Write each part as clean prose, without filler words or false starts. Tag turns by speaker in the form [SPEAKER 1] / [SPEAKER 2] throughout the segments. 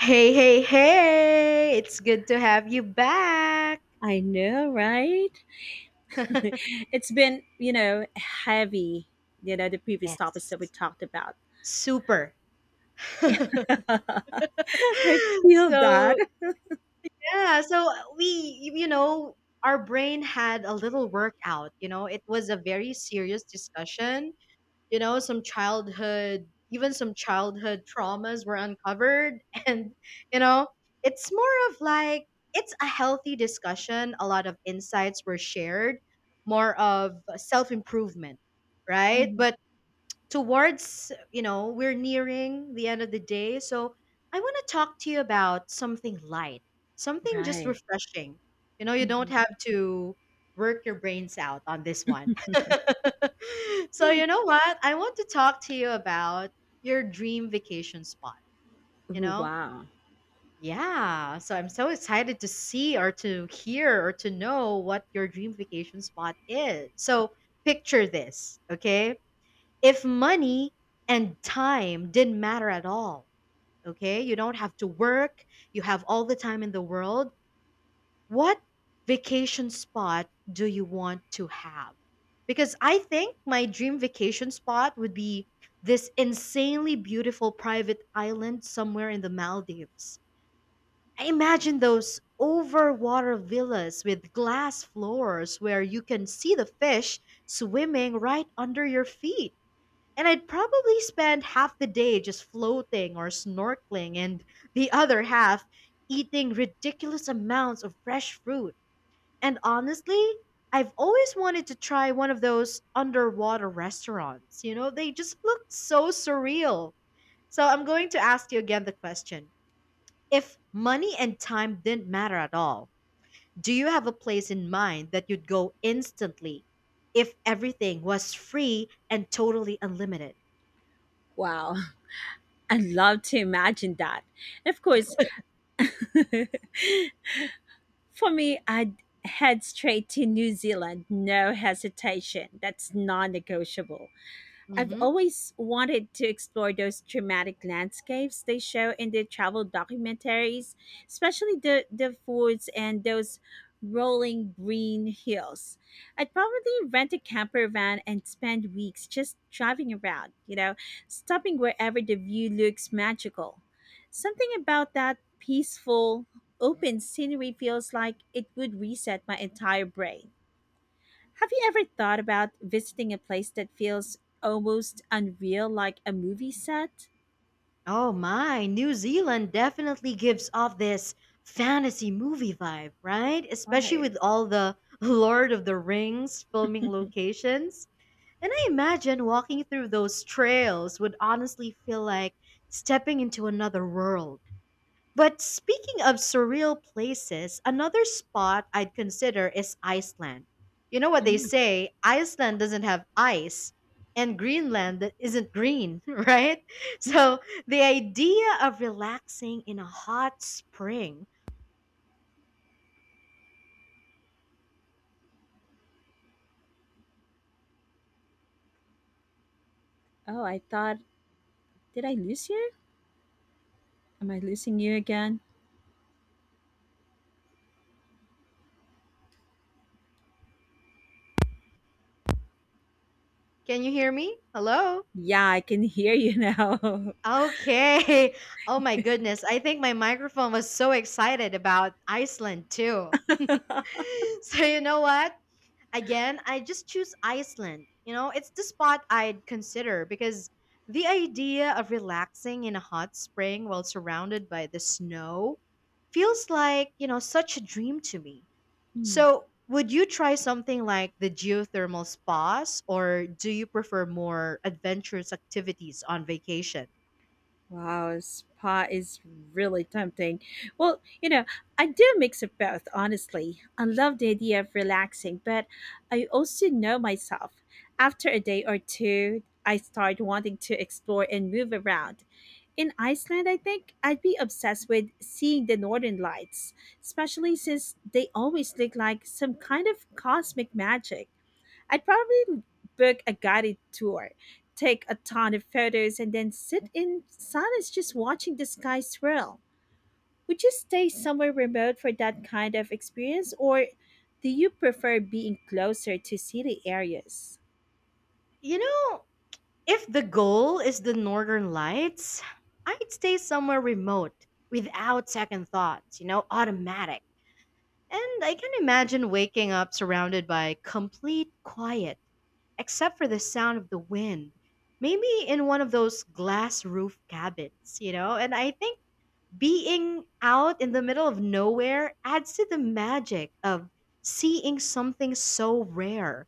[SPEAKER 1] Hey, hey, hey! It's good to have you back.
[SPEAKER 2] I know, right? It's been, heavy, the previous topics that we
[SPEAKER 1] Yes.
[SPEAKER 2] talked about.
[SPEAKER 1] Super.
[SPEAKER 2] I feel
[SPEAKER 1] so,
[SPEAKER 2] that.
[SPEAKER 1] yeah, so we, you know, our brain had a little workout. It was a very serious discussion. Some childhood Even some childhood traumas were uncovered and you know it's more of like it's a healthy discussion. A lot of insights were shared, more of self improvement, right?
[SPEAKER 2] Mhm.
[SPEAKER 1] But towards, we're nearing the end of the day, so I want to talk to you about something light, something just
[SPEAKER 2] Right.
[SPEAKER 1] refreshing. You don't
[SPEAKER 2] Mhm.
[SPEAKER 1] have to work your brains out on this one. So,
[SPEAKER 2] Ooh.
[SPEAKER 1] you know what I want to talk to you about? Your dream vacation spot, you know?
[SPEAKER 2] Wow.
[SPEAKER 1] Yeah, so I'm so excited to see or to hear or to know what your dream vacation spot is. So, picture this, okay? If money and time didn't matter at all, okay, you don't have to work, you have all the time in the world, what vacation spot do you want to have? Because I think my dream vacation spot would be this insanely beautiful private island somewhere in the Maldives. I imagine those overwater villas with glass floors where you can see the fish swimming right under your feet, and I'd probably spend half the day just floating or snorkeling, and the other half eating ridiculous amounts of fresh fruit. And honestly, I've always wanted to try one of those underwater restaurants. You know, they just look so surreal. So I'm going to ask you again the question: if money and time didn't matter at all, do you have a place in mind that you'd go instantly if everything was free and totally unlimited?
[SPEAKER 2] Wow. I would love to imagine that. And of course, for me, I'd head straight to New Zealand, no hesitation. That's non negotiable. I've
[SPEAKER 1] Hmm.
[SPEAKER 2] always wanted to explore those dramatic landscapes they show in the travel documentaries, especially the foods and those rolling green hills. I'd probably rent a camper van and spend weeks just driving around, stopping wherever the view looks magical. Something about that peaceful, open scenery feels like it would reset my entire brain. Have you ever thought about visiting a place that feels almost unreal like a movie set?
[SPEAKER 1] Oh my, New Zealand definitely gives off this fantasy movie vibe, right? Especially
[SPEAKER 2] Right.
[SPEAKER 1] with all the Lord of the Rings filming locations. And I imagine walking through those trails would honestly feel like stepping into another world. But speaking of surreal places, another spot I'd consider is Iceland. You know what they
[SPEAKER 2] Mm.
[SPEAKER 1] say, Iceland doesn't have ice, and Greenland that isn't green, right? So the idea of relaxing in a hot spring.
[SPEAKER 2] Oh, I thought, did I lose you? Am I losing you again?
[SPEAKER 1] Can you hear me? Hello?
[SPEAKER 2] Yeah, I can hear you now.
[SPEAKER 1] Okay. Oh my goodness. I think my microphone was so excited about Iceland too. So, you know what? Again, I just choose Iceland. You know, it's the spot I'd consider because the idea of relaxing in a hot spring while surrounded by the snow feels like, such a dream to me.
[SPEAKER 2] Hmm.
[SPEAKER 1] So, would you try something like the geothermal spas or do you prefer more adventurous activities on vacation?
[SPEAKER 2] Wow, spa is really tempting. Well, you know, I do a mix of both, honestly. I love the idea of relaxing, but I also know myself. After a day or two, I start wanting to explore and move around. In Iceland, I think I'd be obsessed with seeing the northern lights, especially since they always look like some kind of cosmic magic. I'd probably book a guided tour, take a ton of photos, and then sit in silence just watching the sky swirl. Would you stay somewhere remote for that kind of experience, or do you prefer being closer to city areas?
[SPEAKER 1] You know, if the goal is the northern lights, I'd stay somewhere remote without second thoughts, automatic. And I can imagine waking up surrounded by complete quiet, except for the sound of the wind. Maybe in one of those glass roof cabins, you know? And I think being out in the middle of nowhere adds to the magic of seeing something so rare.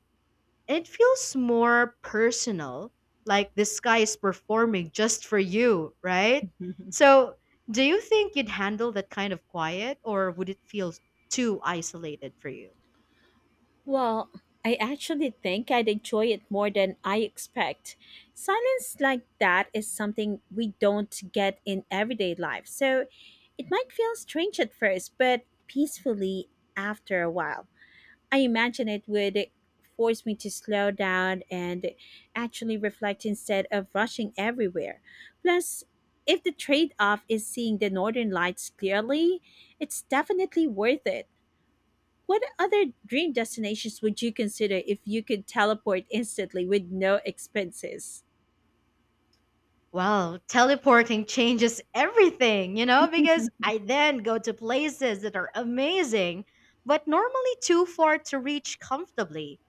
[SPEAKER 1] It feels more personal, like this guy is performing just for you, right? So, do you think you'd handle that kind of quiet, or would it feel too isolated for you?
[SPEAKER 2] Well, I actually think I'd enjoy it more than I expect. Silence like that is something we don't get in everyday life, so it might feel strange at first, but peacefully after a while. I imagine it would force me to slow down and actually reflect instead of rushing everywhere. Plus, if the trade off is seeing the northern lights clearly, it's definitely worth it. What other dream destinations would you consider if you could teleport instantly with no expenses?
[SPEAKER 1] Well, teleporting changes everything, because I then go to places that are amazing, but normally too far to reach comfortably.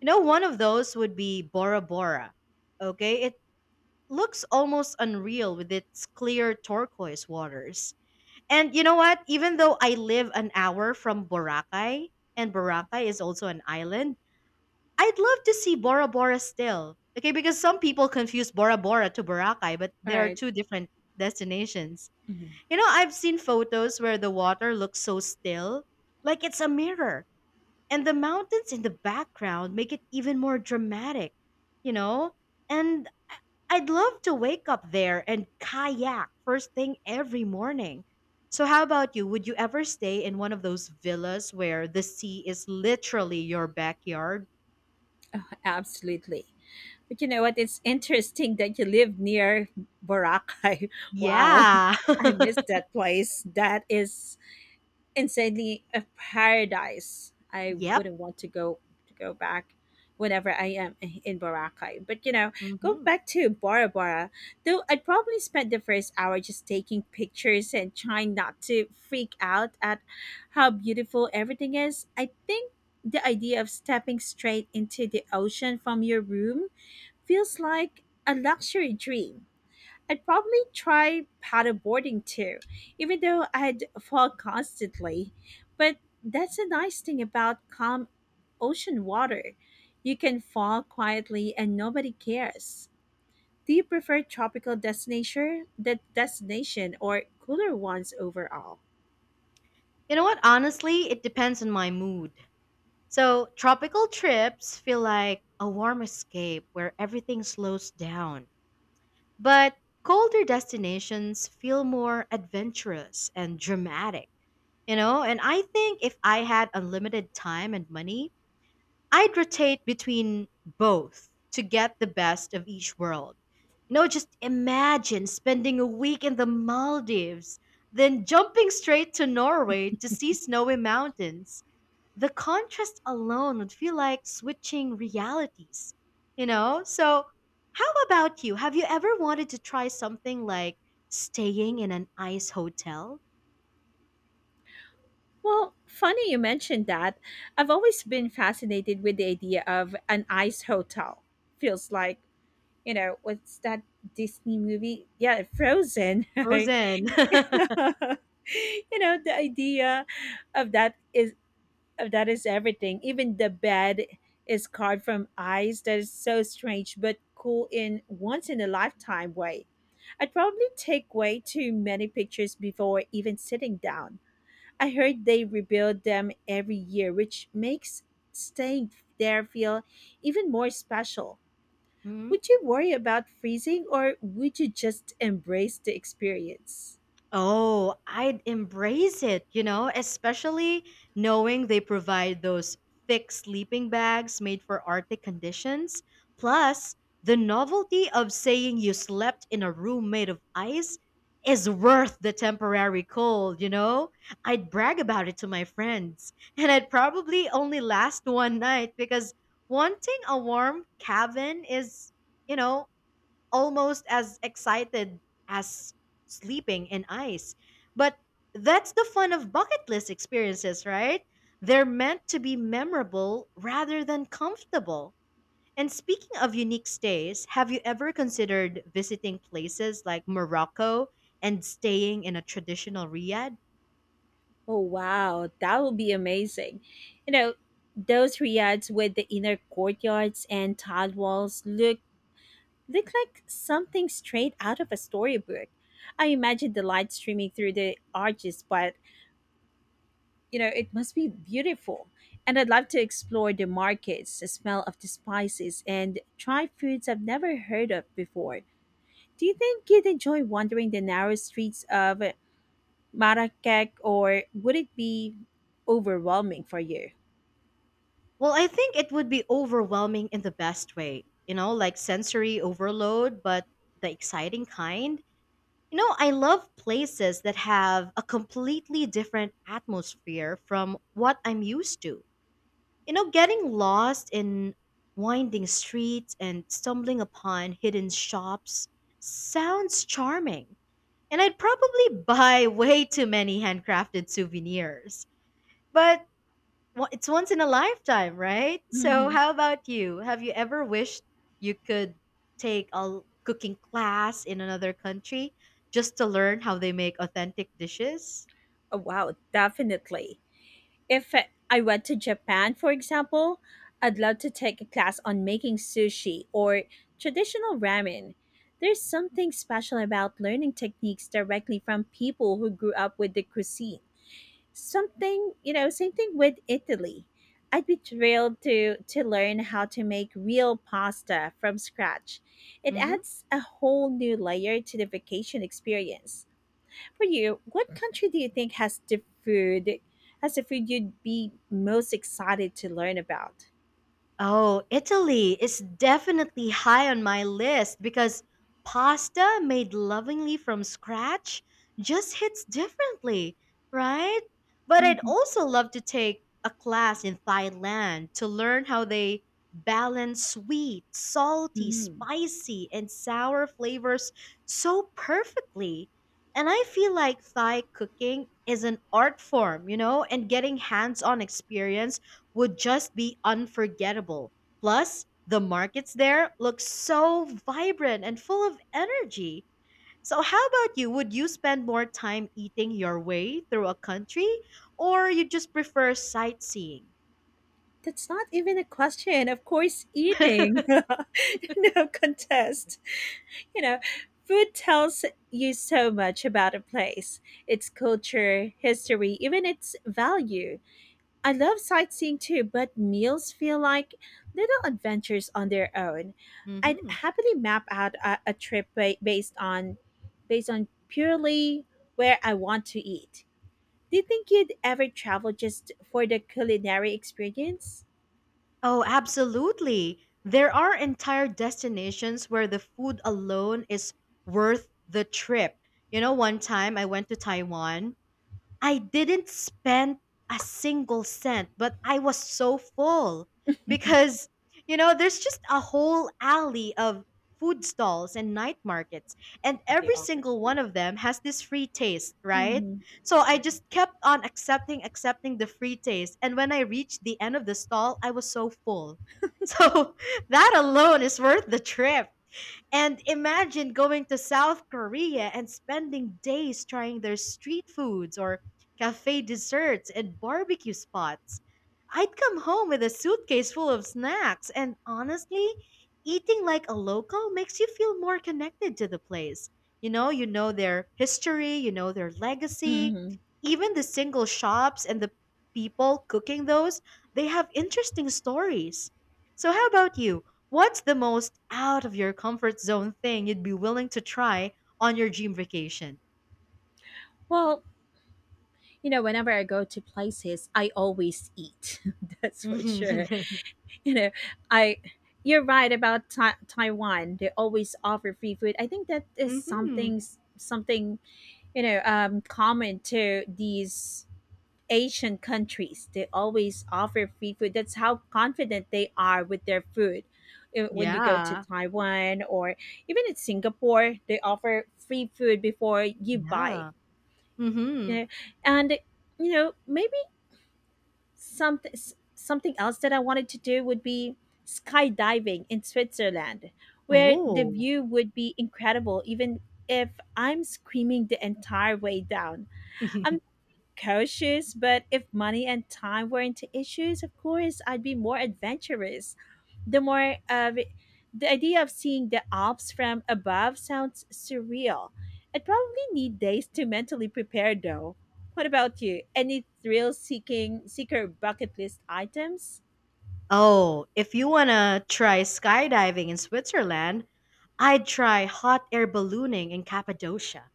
[SPEAKER 1] You know, one of those would be Bora Bora. Okay, it looks almost unreal with its clear turquoise waters. And you know what? Even though I live an hour from Boracay, and Boracay is also an island, I'd love to see Bora Bora still. Okay, because some people confuse Bora Bora to Boracay, but there are
[SPEAKER 2] Right.
[SPEAKER 1] two different destinations.
[SPEAKER 2] Mhm.
[SPEAKER 1] You know, I've seen photos where the water looks so still, like it's a mirror, and the mountains in the background make it even more dramatic, you know? And I'd love to wake up there and kayak first thing every morning. So, how about you? Would you ever stay in one of those villas where the sea is literally your backyard?
[SPEAKER 2] Oh, absolutely. But you know what? It's interesting that you live near Boracay. Wow.
[SPEAKER 1] Yeah.
[SPEAKER 2] I miss that place. That is insanely a paradise. I
[SPEAKER 1] Yep.
[SPEAKER 2] wouldn't want to go back whenever I am in Boracay. But you know, go
[SPEAKER 1] Hmm.
[SPEAKER 2] back to Bora Bora. Though I'd probably spend the first hour just taking pictures and trying not to freak out at how beautiful everything is. I think the idea of stepping straight into the ocean from your room feels like a luxury dream. I'd probably try paddleboarding too, even though I'd fall constantly. But that's the nice thing about calm ocean water. You can fall quietly and nobody cares. Do you prefer tropical destination or cooler ones overall?
[SPEAKER 1] You know what? Honestly, it depends on my mood. So, tropical trips feel like a warm escape where everything slows down. But colder destinations feel more adventurous and dramatic, you know? And I think if I had unlimited time and money, I'd rotate between both to get the best of each world. You know, just imagine spending a week in the Maldives, then jumping straight to Norway to see snowy mountains. The contrast alone would feel like switching realities, you know? So, how about you? Have you ever wanted to try something like staying in an ice hotel?
[SPEAKER 2] Well, funny you mentioned that. I've always been fascinated with the idea of an ice hotel. Feels like, you know, what's that Disney movie? Yeah, Frozen. Right?
[SPEAKER 1] Frozen.
[SPEAKER 2] You know, the idea of that is of that is everything. Even the bed is carved from ice. That is so strange, but cool in once in a lifetime way. I'd probably take way too many pictures before even sitting down. I heard they rebuild them every year, which makes staying there feel even more special.
[SPEAKER 1] Hmm?
[SPEAKER 2] Would you worry about freezing or would you just embrace the experience?
[SPEAKER 1] Oh, I'd embrace it, especially knowing they provide those thick sleeping bags made for Arctic conditions. Plus, the novelty of saying you slept in a room made of ice is worth the temporary cold, you know? I'd brag about it to my friends, and I'd probably only last one night because wanting a warm cabin is, you know, almost as excited as sleeping in ice. But that's the fun of bucket list experiences, right? They're meant to be memorable rather than comfortable. And speaking of unique stays, have you ever considered visiting places like Morocco and staying in a traditional riad?
[SPEAKER 2] Oh, wow. That would be amazing. You know, those riads with the inner courtyards and tiled walls look like something straight out of a storybook. I imagine the light streaming through the arches, but you know, it must be beautiful. And I'd love to explore the markets, the smell of the spices, and try foods I've never heard of before. Do you think you'd enjoy wandering the narrow streets of Marrakech, or would it be overwhelming for you?
[SPEAKER 1] Well, I think it would be overwhelming in the best way, like sensory overload, but the exciting kind. You know, I love places that have a completely different atmosphere from what I'm used to. You know, getting lost in winding streets and stumbling upon hidden shops sounds charming. And I'd probably buy way too many handcrafted souvenirs. But well, it's once in a lifetime, right? So,
[SPEAKER 2] Mhm.
[SPEAKER 1] how about you? Have you ever wished you could take a cooking class in another country just to learn how they make authentic dishes?
[SPEAKER 2] Oh, wow, definitely. If I went to Japan, for example, I'd love to take a class on making sushi or traditional ramen. There's something special about learning techniques directly from people who grew up with the cuisine. Something, you know, same thing with Italy. I'd be thrilled to learn how to make real pasta from scratch. It
[SPEAKER 1] Mm-hmm.
[SPEAKER 2] adds a whole new layer to the vacation experience. For you, what country do you think has the food you'd be most excited to learn about?
[SPEAKER 1] Oh, Italy is definitely high on my list because pasta made lovingly from scratch just hits differently, right? But I'd
[SPEAKER 2] Mhm.
[SPEAKER 1] also love to take a class in Thailand to learn how they balance sweet, salty,
[SPEAKER 2] Mm.
[SPEAKER 1] spicy, and sour flavors so perfectly. And I feel like Thai cooking is an art form, and getting hands on experience would just be unforgettable. Plus, the markets there look so vibrant and full of energy. So, how about you? Would you spend more time eating your way through a country, or you just prefer sightseeing?
[SPEAKER 2] That's not even a question. Of course, eating. No contest. You know, food tells you so much about a place, its culture, history, even its value. I love sightseeing too, but meals feel like little adventures on their own. I'd
[SPEAKER 1] Hmm.
[SPEAKER 2] happily map out a based on purely where I want to eat. Do you think you'd ever travel just for the culinary experience?
[SPEAKER 1] Oh, absolutely. There are entire destinations where the food alone is worth the trip. You know, one time I went to Taiwan, I didn't spend a single cent, but I was so full because, there's just a whole alley of food stalls and night markets, and every single one of them has this free taste, right?
[SPEAKER 2] Mm-hmm.
[SPEAKER 1] So I just kept on accepting, accepting the free taste. And when I reached the end of the stall, I was so full. So that alone is worth the trip. And imagine going to South Korea and spending days trying their street foods or cafe desserts and barbecue spots. I'd come home with a suitcase full of snacks, and honestly, eating like a local makes you feel more connected to the place. You know their history, you know their legacy,
[SPEAKER 2] Hmm.
[SPEAKER 1] even the single shops and the people cooking those, they have interesting stories. So, how about you? What's the most out of your comfort zone thing you'd be willing to try on your dream vacation?
[SPEAKER 2] Well, you know, whenever I go to places, I always eat. That's for sure.
[SPEAKER 1] Hmm.
[SPEAKER 2] You know, I you're right about ta- Taiwan. They always offer free food. I think that is something, you know, common to these Asian countries. They always offer free food. That's how confident they are with their food. When you go to
[SPEAKER 1] Yeah.
[SPEAKER 2] Taiwan or even in Singapore, they offer free food before you buy,
[SPEAKER 1] Yeah.
[SPEAKER 2] you
[SPEAKER 1] Hmm.
[SPEAKER 2] know. And you know, maybe something something else that I wanted to do would be skydiving in Switzerland, where the
[SPEAKER 1] Oh.
[SPEAKER 2] view would be incredible even if I'm screaming the entire way down. I'm cautious, but if money and time weren't issues, of course, I'd be more adventurous. The more uh, the idea of seeing the Alps from above sounds surreal. I'd probably need days to mentally prepare, though. What about you? Any thrill-seeking seeker bucket list items?
[SPEAKER 1] Oh, if you want to try skydiving in Switzerland, I'd try hot air ballooning in Cappadocia.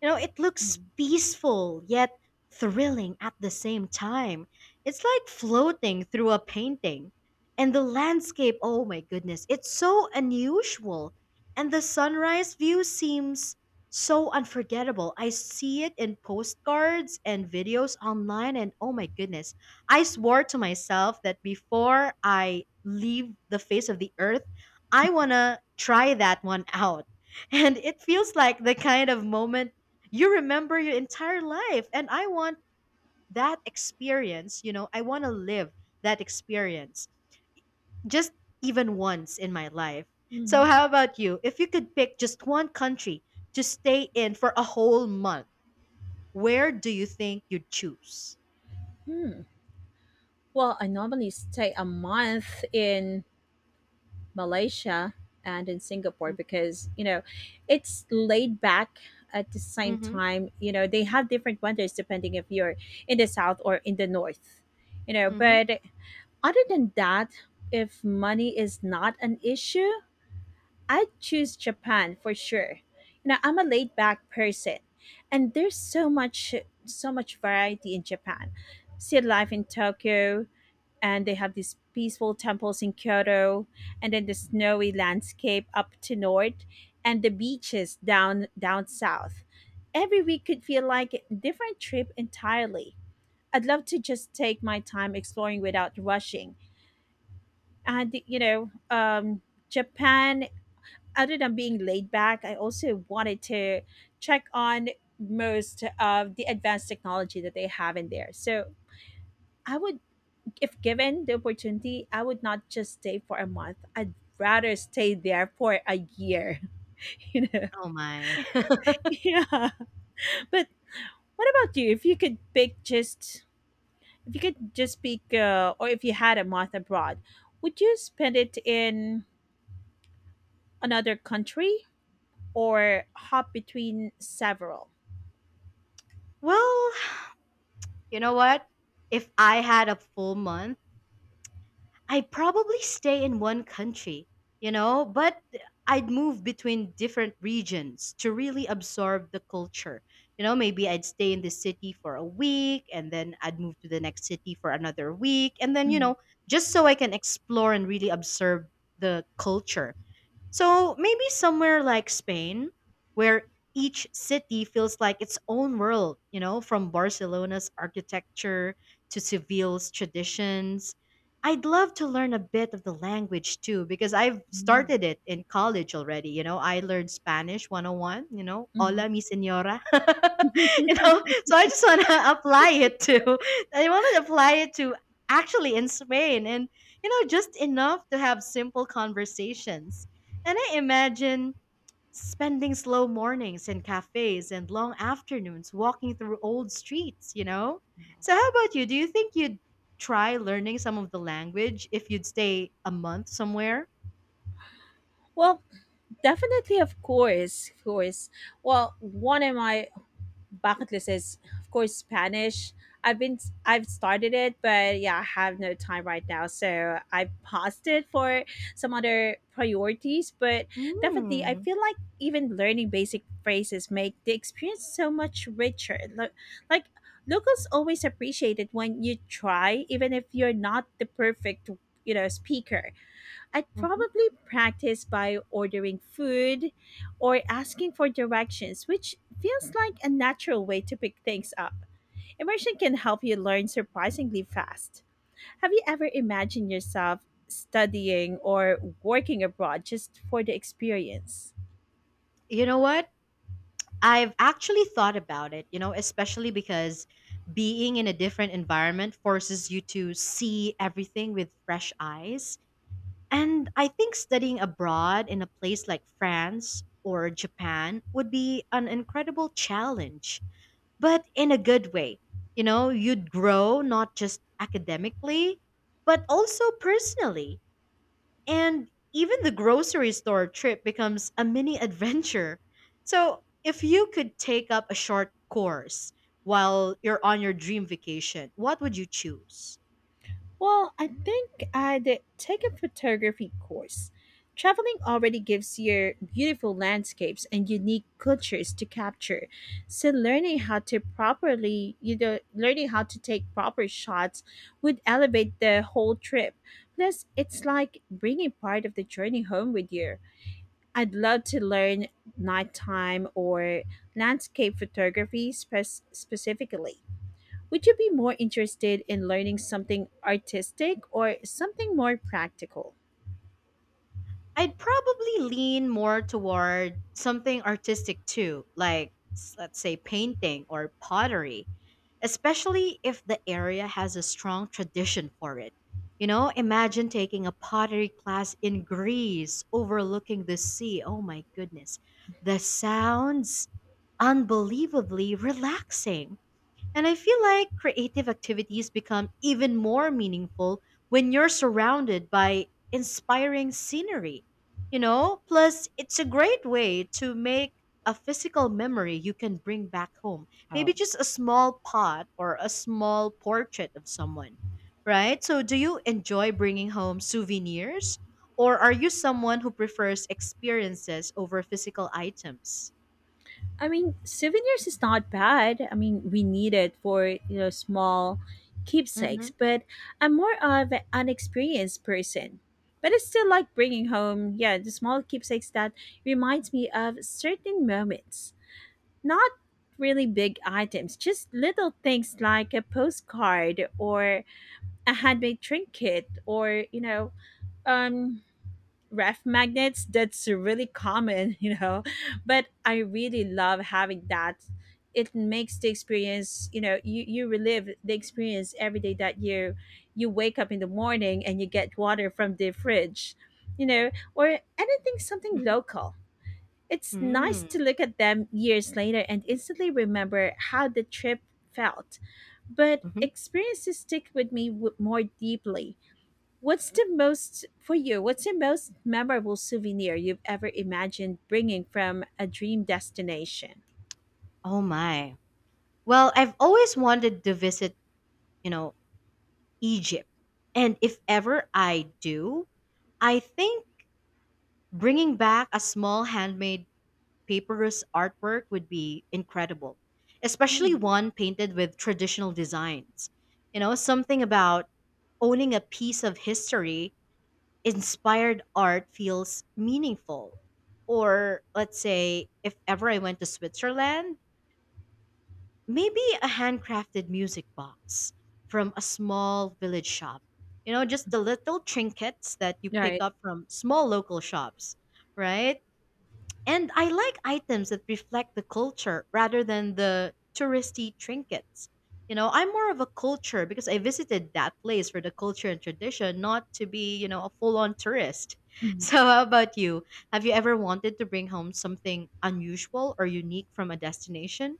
[SPEAKER 1] You know, it looks
[SPEAKER 2] Mhm.
[SPEAKER 1] peaceful yet thrilling at the same time. It's like floating through a painting. And the landscape, oh my goodness, it's so unusual. And the sunrise view seems so unforgettable. I see it in postcards and videos online, and oh my goodness, I swore to myself that before I leave the face of the earth, I want to try that one out. And it feels like the kind of moment you remember your entire life. And I want that experience, I want to live that experience just even once in my life. So,
[SPEAKER 2] Mhm.
[SPEAKER 1] how about you? If you could pick just one country to stay in for a whole month, where do you think you'd choose?
[SPEAKER 2] Hmm. Well, I normally stay a month in Malaysia and in Singapore because, you know, it's laid back at the same
[SPEAKER 1] Mm-hmm.
[SPEAKER 2] time. You know, they have different winters depending if you're in the south or in the north, you know.
[SPEAKER 1] Mm-hmm.
[SPEAKER 2] But other than that, if money is not an issue, I'd choose Japan for sure. You know, I'm a laid back person and there's so much variety in Japan. See life in Tokyo and they have these peaceful temples in Kyoto, and then the snowy landscape up to north and the beaches down south. Every week could feel like a different trip entirely. I'd love to just take my time exploring without rushing. And you know, Japan, other than being laid back, I also wanted to check on most of the advanced technology that they have in there. So I would, if given the opportunity, I would not just stay for a month, I'd rather stay there for a year. You know,
[SPEAKER 1] Oh my.
[SPEAKER 2] yeah. But what about you? If you could pick just If you could just pick or if you had a month abroad, would you spend it in another country or hop between several?
[SPEAKER 1] Well, you know what? If I had a full month, I probably stay in one country, but I'd move between different regions to really absorb the culture. You know, maybe I'd stay in the city for a week and then I'd move to the next city for another week. And then,
[SPEAKER 2] Mhm.
[SPEAKER 1] just so I can explore and really observe the culture. So maybe somewhere like Spain, where each city feels like its own world, from Barcelona's architecture to Seville's traditions. I'd love to learn a bit of the language too, because I've
[SPEAKER 2] Mhm.
[SPEAKER 1] started it in college already. You know, I learned Spanish 101, you know,
[SPEAKER 2] Mhm.
[SPEAKER 1] hola mi señora. You know, so I just want to I want to apply it to actually in Spain and, you know, just enough to have simple conversations, and I imagine spending slow mornings in cafes and long afternoons walking through old streets, you know? So, how about you? Do you think you'd try learning some of the language if you'd stay a month somewhere?
[SPEAKER 2] Well, definitely, of course, of course. Well, one of my bucket list is of course Spanish. i've been I've started it, but yeah, I have no time right now, so I paused it for some other priorities. But definitely, I
[SPEAKER 1] Hmm.
[SPEAKER 2] feel like even learning basic phrases make the experience so much richer. Like locals always appreciate it when you try even if you're not the perfect, you know, speaker. I'd
[SPEAKER 1] Mhm.
[SPEAKER 2] probably practice by ordering food or asking for directions, which feels like a natural way to pick things up. Immersion can help you learn surprisingly fast. Have you ever imagined yourself studying or working abroad just for the experience?
[SPEAKER 1] You know what? I've actually thought about it, you know, especially because being in a different environment forces you to see everything with fresh eyes. And I think studying abroad in a place like France or Japan would be an incredible challenge, but in a good way. You know, you'd grow not just academically, but also personally. And even the grocery store trip becomes a mini adventure. So, if you could take up a short course while you're on your dream vacation, what would you choose?
[SPEAKER 2] Well, I think I'd take a photography course. Traveling already gives you beautiful landscapes and unique cultures to capture. So learning how to properly, you know, learning how to take proper shots would elevate the whole trip. Plus, it's like bringing part of the journey home with you. I'd love to learn nighttime or landscape photography specifically. Would you be more interested in learning something artistic or something more practical?
[SPEAKER 1] I'd probably lean more toward something artistic too, like let's say painting or pottery, especially if the area has a strong tradition for it. You know, imagine taking a pottery class in Greece overlooking the sea. Oh my goodness. The sounds unbelievably relaxing. And I feel like creative activities become even more meaningful when you're surrounded by inspiring scenery. You know, plus it's a great way to make a physical memory you can bring back home. Maybe
[SPEAKER 2] Oh,
[SPEAKER 1] just a small pot or a small portrait of someone, right? So, do you enjoy bringing home souvenirs? Or are you someone who prefers experiences over physical items?
[SPEAKER 2] I mean, souvenirs is not bad. I mean, we need it for you know small
[SPEAKER 1] Mm-hmm.
[SPEAKER 2] keepsakes, but I'm more of an experienced person. But I still like bringing home, yeah, the small keepsakes that reminds me of certain moments. Not really big items, just little things like a postcard or a handmade trinket or you know, um ref magnets. That's really common. You know, but I really love having that. It makes the experience, you know, you relive the experience every day, that you wake up in the morning and you get water from the fridge, you know, or anything something
[SPEAKER 1] Mm-hmm.
[SPEAKER 2] local. It's nice
[SPEAKER 1] Mm-hmm.
[SPEAKER 2] to look at them years later and instantly remember how the trip felt. But
[SPEAKER 1] Mm-hmm.
[SPEAKER 2] experiences stick with me more deeply. What's the most for you? What's the most memorable souvenir you've ever imagined bringing from a dream destination?
[SPEAKER 1] Oh my. Well, I've always wanted to visit, you know, Egypt. And if ever I do, I think bringing back a small handmade papyrus artwork would be incredible,
[SPEAKER 2] Hmm.
[SPEAKER 1] especially one painted with traditional designs. You know, something about owning a piece of history inspired art feels meaningful. Or let's say if ever I went to Switzerland, maybe a handcrafted music box from a small village shop. You know, just the little trinkets that you pick
[SPEAKER 2] Right.
[SPEAKER 1] up from small local shops, right? And I like items that reflect the culture rather than the touristy trinkets. You know, I'm more of a culture because I visited that place for the culture and tradition, not to be, you know, a full on tourist.
[SPEAKER 2] Mhm.
[SPEAKER 1] So, how about you? Have you ever wanted to bring home something unusual or unique from a destination?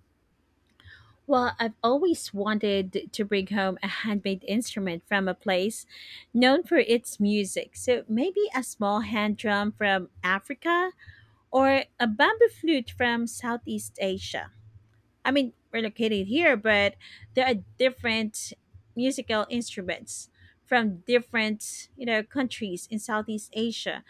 [SPEAKER 2] Well, I've always wanted to bring home a handmade instrument from a place known for its music. So maybe a small hand drum from Africa or a bamboo flute from Southeast Asia. I mean, we're located here, but there are different musical instruments from different, you know, countries in Southeast Asia.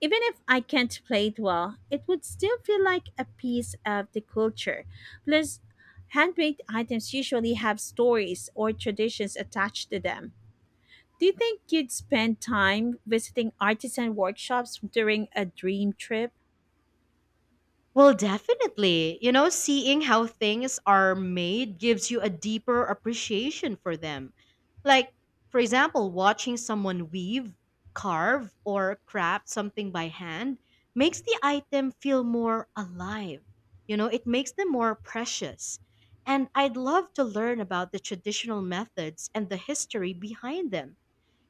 [SPEAKER 2] Even if I can't play it well, it would still feel like a piece of the culture. Plus, handmade items usually have stories or traditions attached to them. Do you think you'd spend time visiting artisan workshops during a dream trip?
[SPEAKER 1] Well, definitely. You know, seeing how things are made gives you a deeper appreciation for them. Like, for example, watching someone weave, carve, or craft something by hand makes the item feel more alive. You know, it makes them more precious. And I'd love to learn about the traditional methods and the history behind them.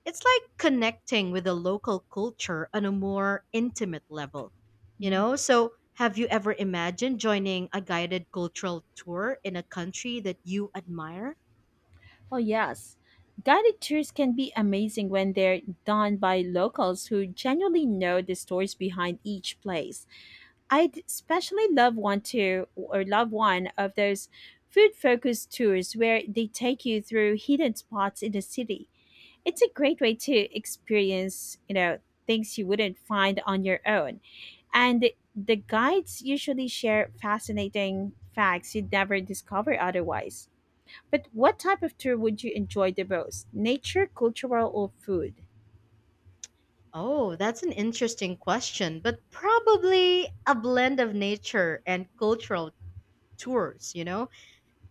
[SPEAKER 1] It's like connecting with the local culture on a more intimate level, you
[SPEAKER 2] Mm.
[SPEAKER 1] know? So, have you ever imagined joining a guided cultural tour in a country that you admire?
[SPEAKER 2] Oh, yes. Guided tours can be amazing when they're done by locals who genuinely know the stories behind each place. I especially love one of those food focused tours where they take you through hidden spots in the city. It's a great way to experience, you know, things you wouldn't find on your own. And the guides usually share fascinating facts you'd never discover otherwise. But what type of tour would you enjoy the most? Nature, cultural, or food?
[SPEAKER 1] Oh, that's an interesting question, but probably a blend of nature and cultural tours, you know?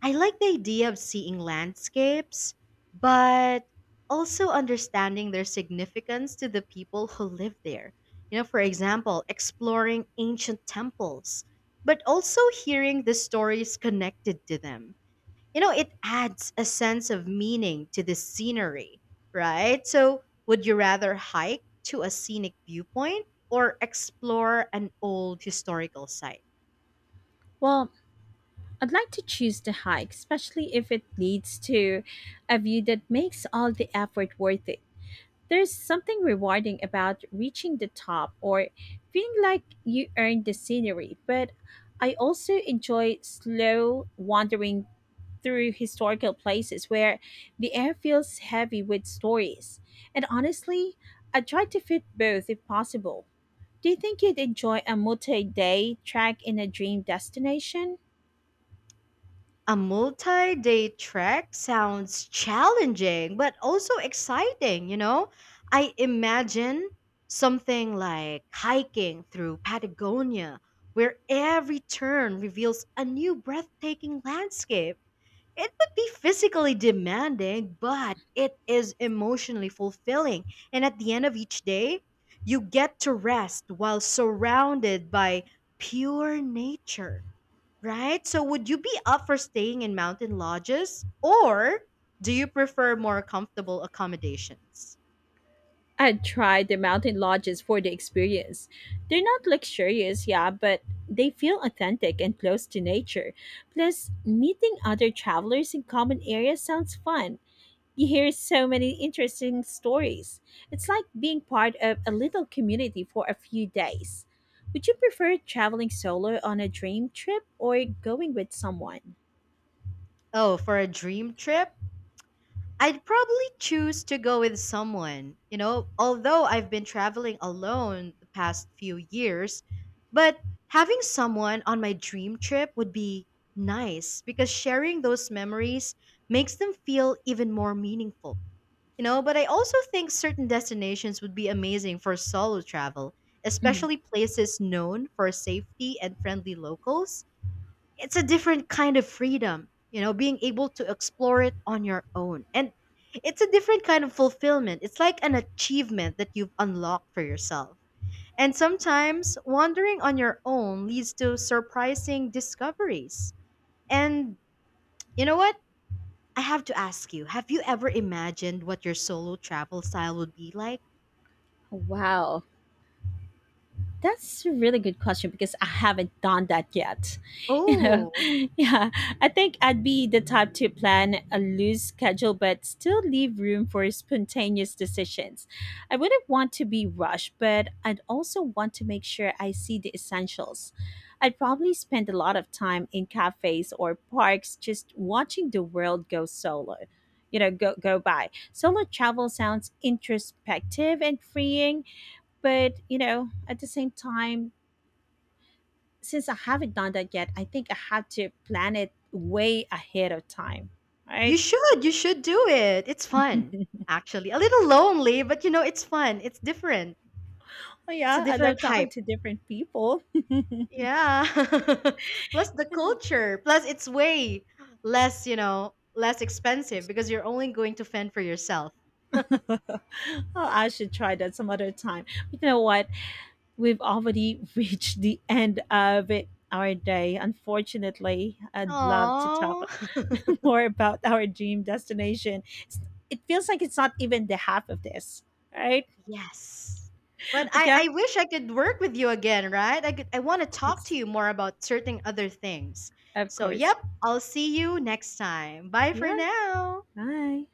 [SPEAKER 1] I like the idea of seeing landscapes, but also understanding their significance to the people who live there. You know, for example, exploring ancient temples, but also hearing the stories connected to them. You know, it adds a sense of meaning to the scenery, right? So, would you rather hike to a scenic viewpoint or explore an old historical site?
[SPEAKER 2] Well, I'd like to choose the hike, especially if it leads to a view that makes all the effort worth it. There's something rewarding about reaching the top or feeling like you earned the scenery, but I also enjoy slow wandering through historical places where the air feels heavy with stories. And honestly, I try to fit both if possible. Do you think you'd enjoy a multi day trek in a dream destination?
[SPEAKER 1] A multi day trek sounds challenging, but also exciting, you know? I imagine something like hiking through Patagonia, where every turn reveals a new breathtaking landscape. It would be physically demanding, but it is emotionally fulfilling. And at the end of each day, you get to rest while surrounded by pure nature. Right? So would you be up for staying in mountain lodges or do you prefer more comfortable accommodations?
[SPEAKER 2] I'd try the mountain lodges for the experience. They're not luxurious, yeah, but they feel authentic and close to nature. Plus, meeting other travelers in common areas sounds fun. You hear so many interesting stories. It's like being part of a little community for a few days. Would you prefer traveling solo on a dream trip or going with someone?
[SPEAKER 1] Oh, for a dream trip? I'd probably choose to go with someone. You know, although I've been traveling alone the past few years, but having someone on my dream trip would be nice because sharing those memories makes them feel even more meaningful. You know, but I also think certain destinations would be amazing for solo travel,
[SPEAKER 2] Mm.
[SPEAKER 1] especially places known for safety and friendly locals. It's a different kind of freedom, you know, being able to explore it on your own. And it's a different kind of fulfillment. It's like an achievement that you've unlocked for yourself. And sometimes wandering on your own leads to surprising discoveries. And you know what? I have to ask you, have you ever imagined what your solo travel style would be like?
[SPEAKER 2] Wow, that's a really good question because I haven't done that yet. You know,
[SPEAKER 1] Oh,
[SPEAKER 2] yeah, I think I'd be the type to plan a loose schedule but still leave room for spontaneous decisions. I wouldn't want to be rushed, but I'd also want to make sure I see the essentials. I'd probably spend a lot of time in cafes or parks just watching the world go solo. You know, go go by. Solo travel sounds introspective and freeing, but, you know, at the same time, since I haven't done that yet, I think I have to plan it way ahead of time.
[SPEAKER 1] you
[SPEAKER 2] Right?
[SPEAKER 1] should. You should do it. It's fun, actually. A little lonely, but you know, it's fun. It's different.
[SPEAKER 2] Oh
[SPEAKER 1] It's a
[SPEAKER 2] yeah, I love
[SPEAKER 1] different
[SPEAKER 2] talking
[SPEAKER 1] hype.
[SPEAKER 2] to different people.
[SPEAKER 1] Yeah. Plus the
[SPEAKER 2] And
[SPEAKER 1] culture. Plus it's way less, you know, less expensive because you're only going to fend for yourself.
[SPEAKER 2] oh, I should try that some other time. But you know what? We've already reached the end of it, our day. Unfortunately, I'd love to talk
[SPEAKER 1] Oh.
[SPEAKER 2] more about our dream destination. It feels like it's not even the half of this, right?
[SPEAKER 1] Yes. But
[SPEAKER 2] But
[SPEAKER 1] I,
[SPEAKER 2] yeah,
[SPEAKER 1] I wish I could work with you again, right? I want to
[SPEAKER 2] of
[SPEAKER 1] talk
[SPEAKER 2] course,
[SPEAKER 1] to you more about certain other things.
[SPEAKER 2] of
[SPEAKER 1] So,
[SPEAKER 2] course,
[SPEAKER 1] yep, I'll see you next time. Bye for
[SPEAKER 2] yeah.
[SPEAKER 1] now.
[SPEAKER 2] Bye.